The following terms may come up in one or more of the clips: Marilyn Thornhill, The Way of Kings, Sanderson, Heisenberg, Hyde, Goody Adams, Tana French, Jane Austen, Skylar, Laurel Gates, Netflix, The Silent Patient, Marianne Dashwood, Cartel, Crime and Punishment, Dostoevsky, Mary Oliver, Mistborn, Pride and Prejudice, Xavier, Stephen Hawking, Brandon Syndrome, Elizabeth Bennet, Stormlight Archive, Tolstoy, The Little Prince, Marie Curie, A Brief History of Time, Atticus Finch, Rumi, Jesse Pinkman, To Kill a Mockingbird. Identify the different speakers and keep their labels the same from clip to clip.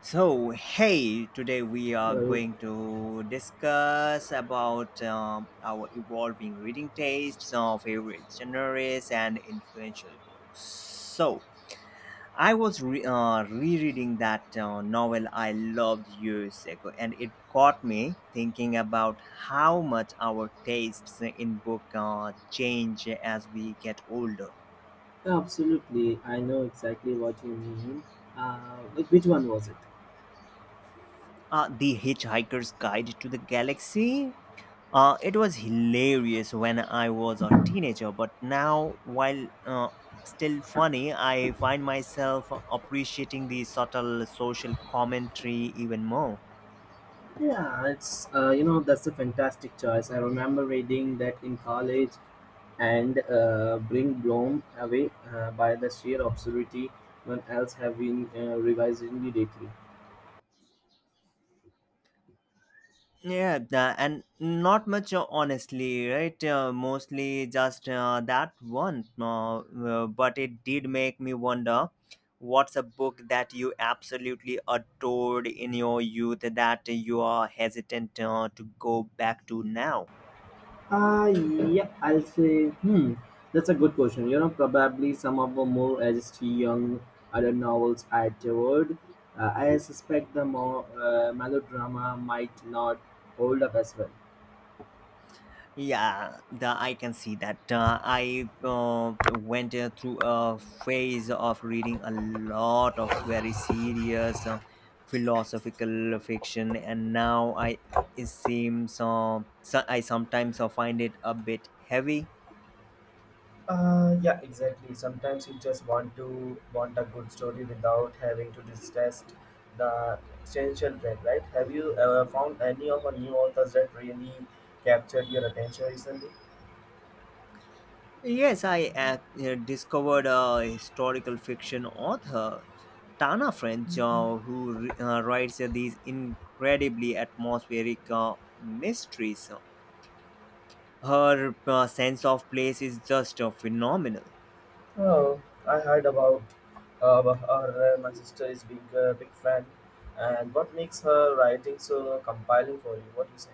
Speaker 1: So, hey, today we are
Speaker 2: Hello.
Speaker 1: going to discuss about our evolving reading tastes, our favorite genres, and influential books. So, I was rereading that novel I loved years ago, and it got me thinking about how much our tastes in book change as we get older.
Speaker 2: Yeah, absolutely. I know exactly what you mean. Which one was it?
Speaker 1: The Hitchhiker's Guide to the Galaxy. It was hilarious when I was a teenager, but now, while still funny, I find myself appreciating the subtle social commentary even more.
Speaker 2: Yeah, it's you know that's a fantastic choice. I remember reading that in college, and bring Bloom away by the sheer absurdity. When else have been revised immediately.
Speaker 1: Yeah, and not much, honestly, right? Mostly just that one. But it did make me wonder what's a book that you absolutely adored in your youth that you are hesitant to go back to now?
Speaker 2: Ah, yeah, I'll say, that's a good question. You know, probably some of the more edgy young adult novels I devoured. I suspect the more melodrama might not hold up as well.
Speaker 1: Yeah, the I can see that. I went through a phase of reading a lot of very serious philosophical fiction, and now I it seems so I sometimes find it a bit heavy.
Speaker 2: Yeah, exactly. Sometimes you just want to want a good story without having to distress the essential trend, right? Have you found any of our new authors that really captured your attention recently?
Speaker 1: Yes, I discovered a historical fiction author, Tana French, who writes these incredibly atmospheric mysteries. Her sense of place is just phenomenal.
Speaker 2: Oh, I heard about about her. My sister is big, big fan. And what makes her writing so compelling for you? What do you say?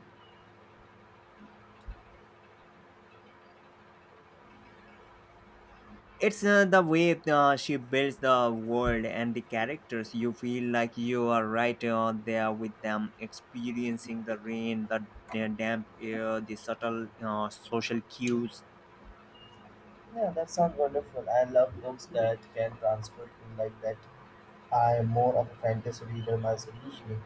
Speaker 1: It's the way she builds the world and the characters. You feel like you are right there with them, experiencing the rain, the damp air, the subtle social cues.
Speaker 2: Yeah, that sounds wonderful. I love books that can transport me like that. I am more of a fantasy reader myself usually.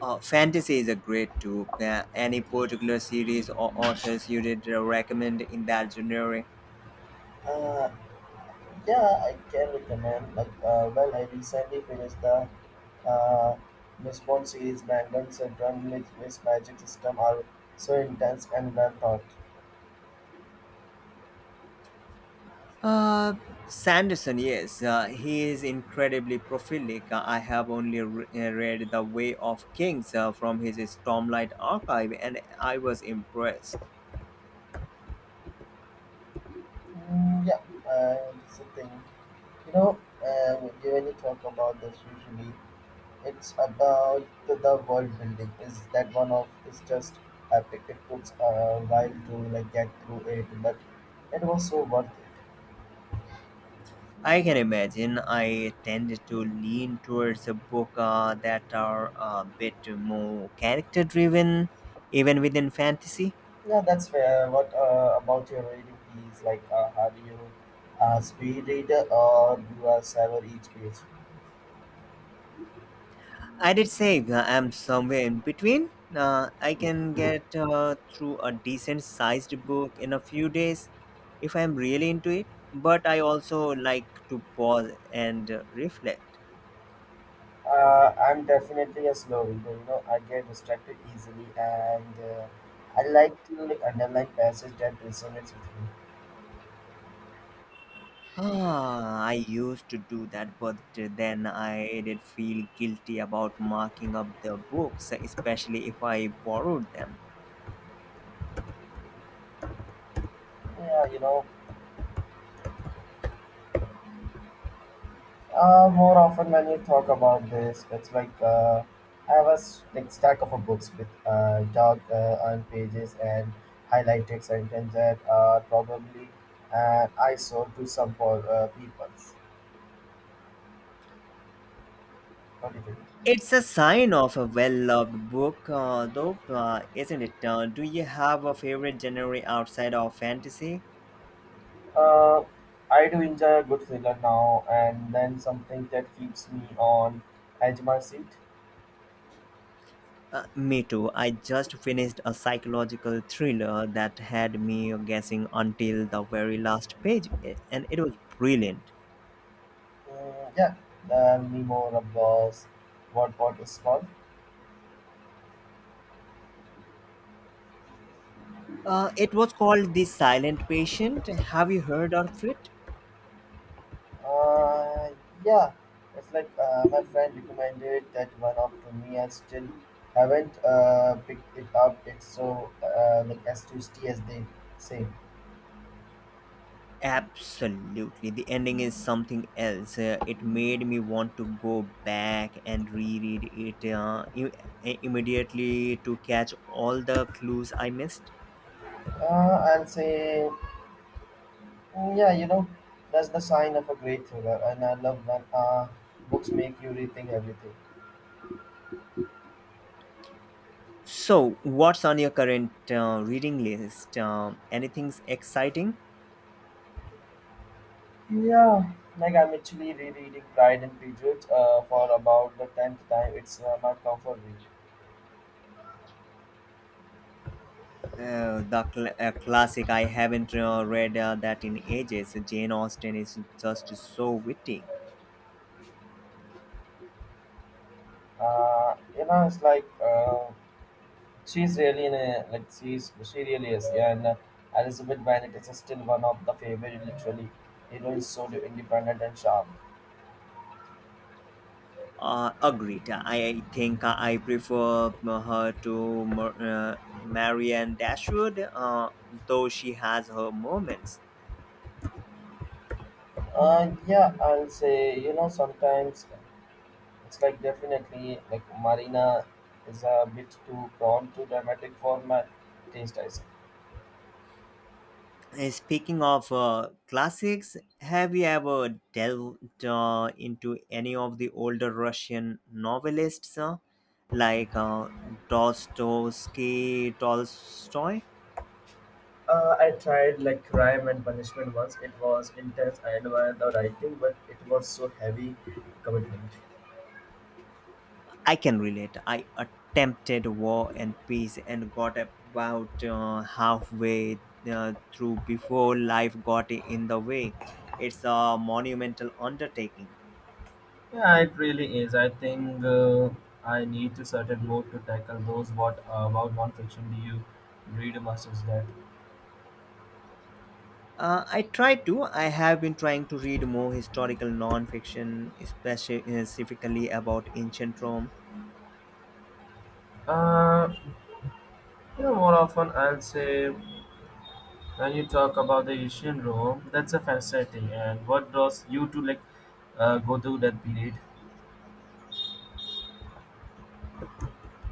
Speaker 1: Fantasy is a great too. Any particular series or authors you did recommend in that genre?
Speaker 2: Uh, yeah, I can recommend. Well, I recently finished the uh, Mistborn series. Brandon Syndrome with his magic system are so intense and well thought.
Speaker 1: Uh, Sanderson, yes, he is incredibly prolific. I have only read The Way of Kings from his Stormlight archive, and I was impressed.
Speaker 2: Yeah, it's a thing. You know, when you talk about this, usually it's about the world building. Is that one of is just epic? It puts a while to like get through it, but it was so worth it.
Speaker 1: I can imagine. I tend to lean towards a book that are a bit more character driven, even within fantasy.
Speaker 2: Yeah, that's fair. What about your reading is like? Have you a speed reader or you are savor each page?
Speaker 1: I did say I'm somewhere in between. I can get through a decent sized book in a few days if I'm really into it, but I also like to pause and reflect.
Speaker 2: I'm definitely a slow reader. You know, I get distracted easily, and I like to like underline passage that resonates with me.
Speaker 1: Ah, I used to do that, but then I did feel guilty about marking up the books, especially if I borrowed them.
Speaker 2: Yeah, you know. More often when you talk about this, it's like I have a like stack of a books with dark and pages and highlighted sentences that are probably an eyesore to some for people. What do you think?
Speaker 1: It's a sign of a well-loved book, though, isn't it? Do you have a favorite genre outside of fantasy?
Speaker 2: Uh, I do enjoy a good thriller now and then something that keeps me on edge my seat.
Speaker 1: Me too. I just finished a psychological thriller that had me guessing until the very last page, and it was brilliant.
Speaker 2: Yeah, tell me more about what is called.
Speaker 1: It was called The Silent Patient. Have you heard of it?
Speaker 2: Uh, yeah, it's like my friend recommended that one up to me. I still haven't picked it up. It's so like as twisty as they say.
Speaker 1: Absolutely. The ending is something else. It made me want to go back and reread it immediately to catch all the clues I missed.
Speaker 2: I'll say, yeah, you know, that's the sign of a great thriller, and I love when books make you rethink everything.
Speaker 1: So, what's on your current reading list? Anything's exciting?
Speaker 2: Yeah, like I'm actually rereading Pride and Prejudice for about the tenth time. It's my comfort read.
Speaker 1: The classic. I haven't read that in ages. Jane Austen is just so witty.
Speaker 2: You know, it's like she's really in a like she really is, yeah, and Elizabeth Bennet is still one of the favorite literally heroines, so independent and sharp.
Speaker 1: Agreed. I think I prefer her to Marianne Dashwood, though she has her moments.
Speaker 2: Yeah, I'll say, you know, sometimes it's like definitely like Marina is a bit too prone to dramatic for my taste, I say.
Speaker 1: Speaking of classics, have you ever delved into any of the older Russian novelists, like Dostoevsky, Tolstoy?
Speaker 2: I tried like Crime and Punishment once. It was intense. I admired the writing, but it was so heavy commitment.
Speaker 1: I can relate. I attempted War and Peace and got about halfway through before life got in the way. It's a monumental undertaking.
Speaker 2: Yeah, it really is. I think I need to certain mode to tackle those. What about non-fiction? Do you read masters that?
Speaker 1: I try to. I have been trying to read more historical non-fiction, especially specifically about ancient Rome.
Speaker 2: Uh, you know, more often I'll say when you talk about the Asian Rome, that's a fascinating. And what draws you to like go through that period?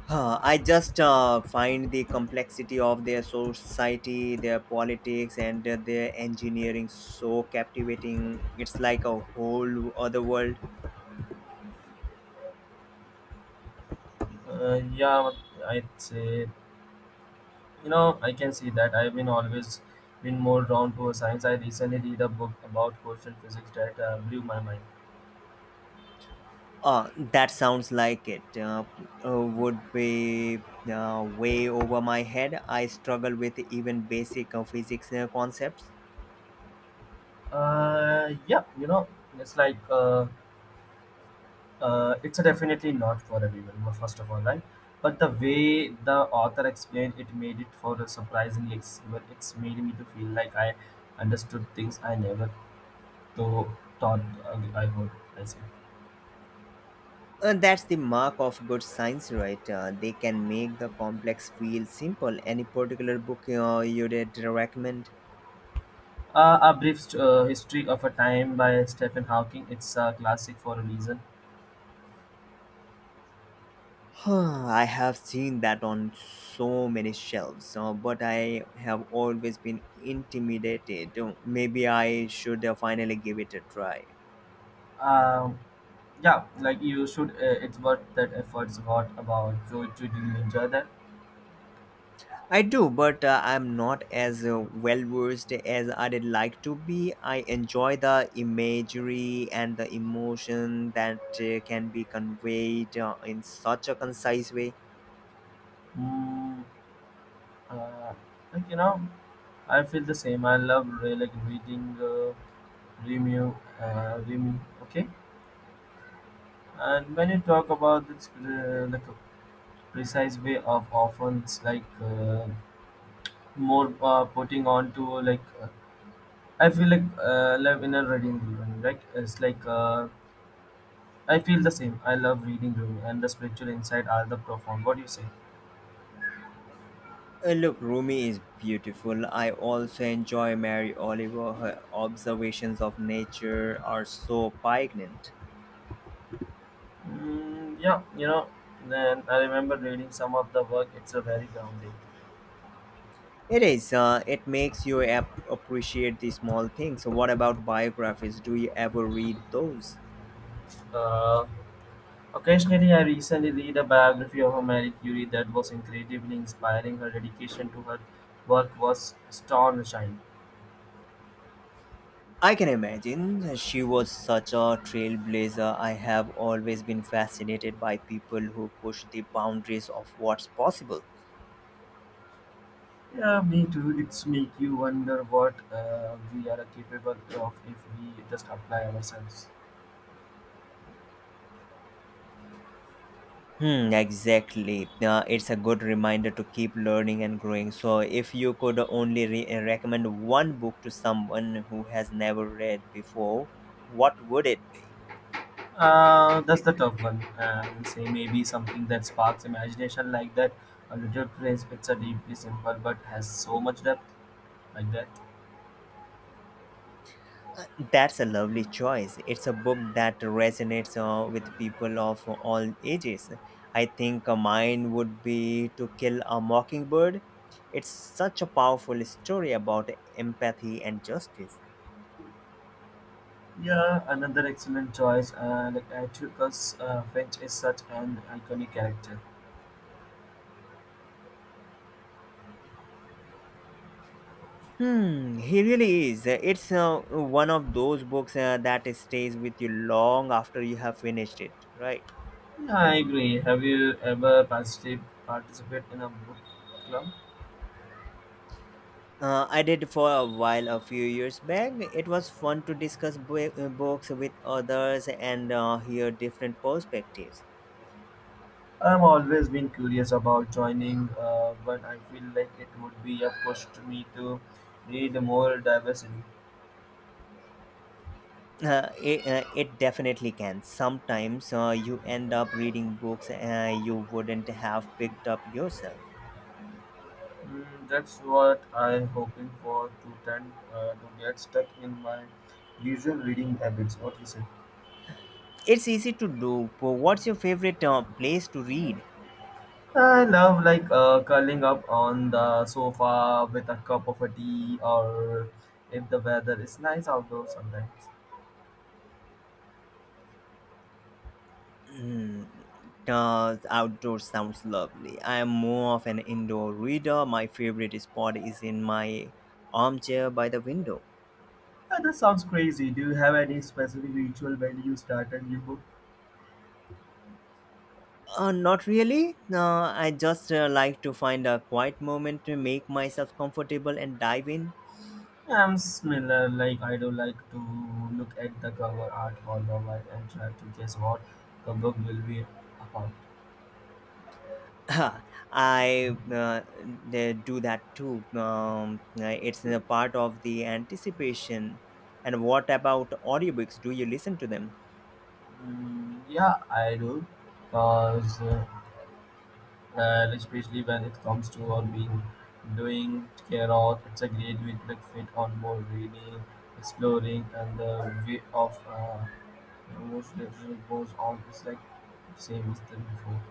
Speaker 1: Huh, I just find the complexity of their society, their politics, and their engineering so captivating. It's like a whole other world.
Speaker 2: Yeah, I'd say, you know, I can see that. I've been always been more drawn to science. I recently read a book about quotient physics that blew my mind.
Speaker 1: That sounds like it. Would be way over my head. I struggle with even basic physics concepts.
Speaker 2: Yeah, you know, it's like it's a definitely not for everyone. Well, first of all, right? But the way the author explained it made it for a surprisingly accessible. It's made me to feel like I understood things I never thought I would. I say.
Speaker 1: And that's the mark of good science, right? They can make the complex feel simple. Any particular book you'd recommend?
Speaker 2: A brief history of a time by Stephen Hawking. It's a classic for a reason.
Speaker 1: Huh, I have seen that on so many shelves, but I have always been intimidated. Maybe I should finally give it a try.
Speaker 2: Um, yeah, like you should. It's worth that efforts. What about you? Did you enjoy that?
Speaker 1: I do, but I'm not as well versed as I'd like to be. I enjoy the imagery and the emotion that can be conveyed in such a concise way.
Speaker 2: Mm, Uh, like you know, I feel the same. I love like reading Remu, Remu. Okay, and when you talk about this like a precise way of often like more putting on to like I feel like love in a reading room. Right. It's like I feel the same. I love reading room and the spiritual insight are the profound. What do you say?
Speaker 1: Look, Rumi is beautiful. I also enjoy Mary Oliver. Her observations of nature are so poignant.
Speaker 2: Yeah, you know, then I remember reading some of the work. It's a very grounding.
Speaker 1: It is. It makes you appreciate the small things. So what about biographies? Do you ever read those?
Speaker 2: Uh, Occasionally, I recently read a biography of Marie Curie that was incredibly inspiring. Her dedication to her work was astonishing.
Speaker 1: I can imagine. She was such a trailblazer. I have always been fascinated by people who push the boundaries of what's possible.
Speaker 2: Yeah, me too. It's make you wonder what we are capable of if we just apply ourselves.
Speaker 1: Hmm, exactly. It's a good reminder to keep learning and growing. So, if you could only recommend one book to someone who has never read before, what would it be?
Speaker 2: That's the tough one. I'll say maybe something that sparks imagination like that. A little prince, it's a deeply simple but has so much depth like that.
Speaker 1: That's a lovely choice. It's a book that resonates with people of all ages. I think mine would be To Kill a Mockingbird. It's such a powerful story about empathy and justice.
Speaker 2: Yeah, another excellent choice. Like Atticus Finch is such an iconic character.
Speaker 1: Hmm, he really is. It's one of those books that stays with you long after you have finished it, right?
Speaker 2: Yeah, I agree. Have you ever participated in a book club?
Speaker 1: I did for a while a few years back. It was fun to discuss books with others and hear different perspectives.
Speaker 2: I've always been curious about joining but I feel like it would be a push to me to read more diversity.
Speaker 1: It it definitely can. Sometimes you end up reading books you wouldn't have picked up yourself.
Speaker 2: That's what I'm hoping for to tend to get stuck in my usual reading habits. What you say?
Speaker 1: It's easy to do. But what's your favorite place to read?
Speaker 2: I love like curling up on the sofa with a cup of a tea, or if the weather is nice outdoors sometimes.
Speaker 1: Outdoor sounds lovely. I am more of an indoor reader. My favorite spot is in my armchair by the window.
Speaker 2: That sounds crazy. Do you have any specific ritual when you start a new book?
Speaker 1: Not really. I just like to find a quiet moment to make myself comfortable and dive in.
Speaker 2: I'm similar. Like I do like to look at the cover art for the while and try to guess what the book will be about.
Speaker 1: I they do that too. It's a part of the anticipation. And what about audiobooks? Do you listen to them?
Speaker 2: Yeah, I do, cause especially when it comes to or being doing care carrot, it's a great way to like fit on more reading, exploring, and the way of most literature goes on. It's like same as the before.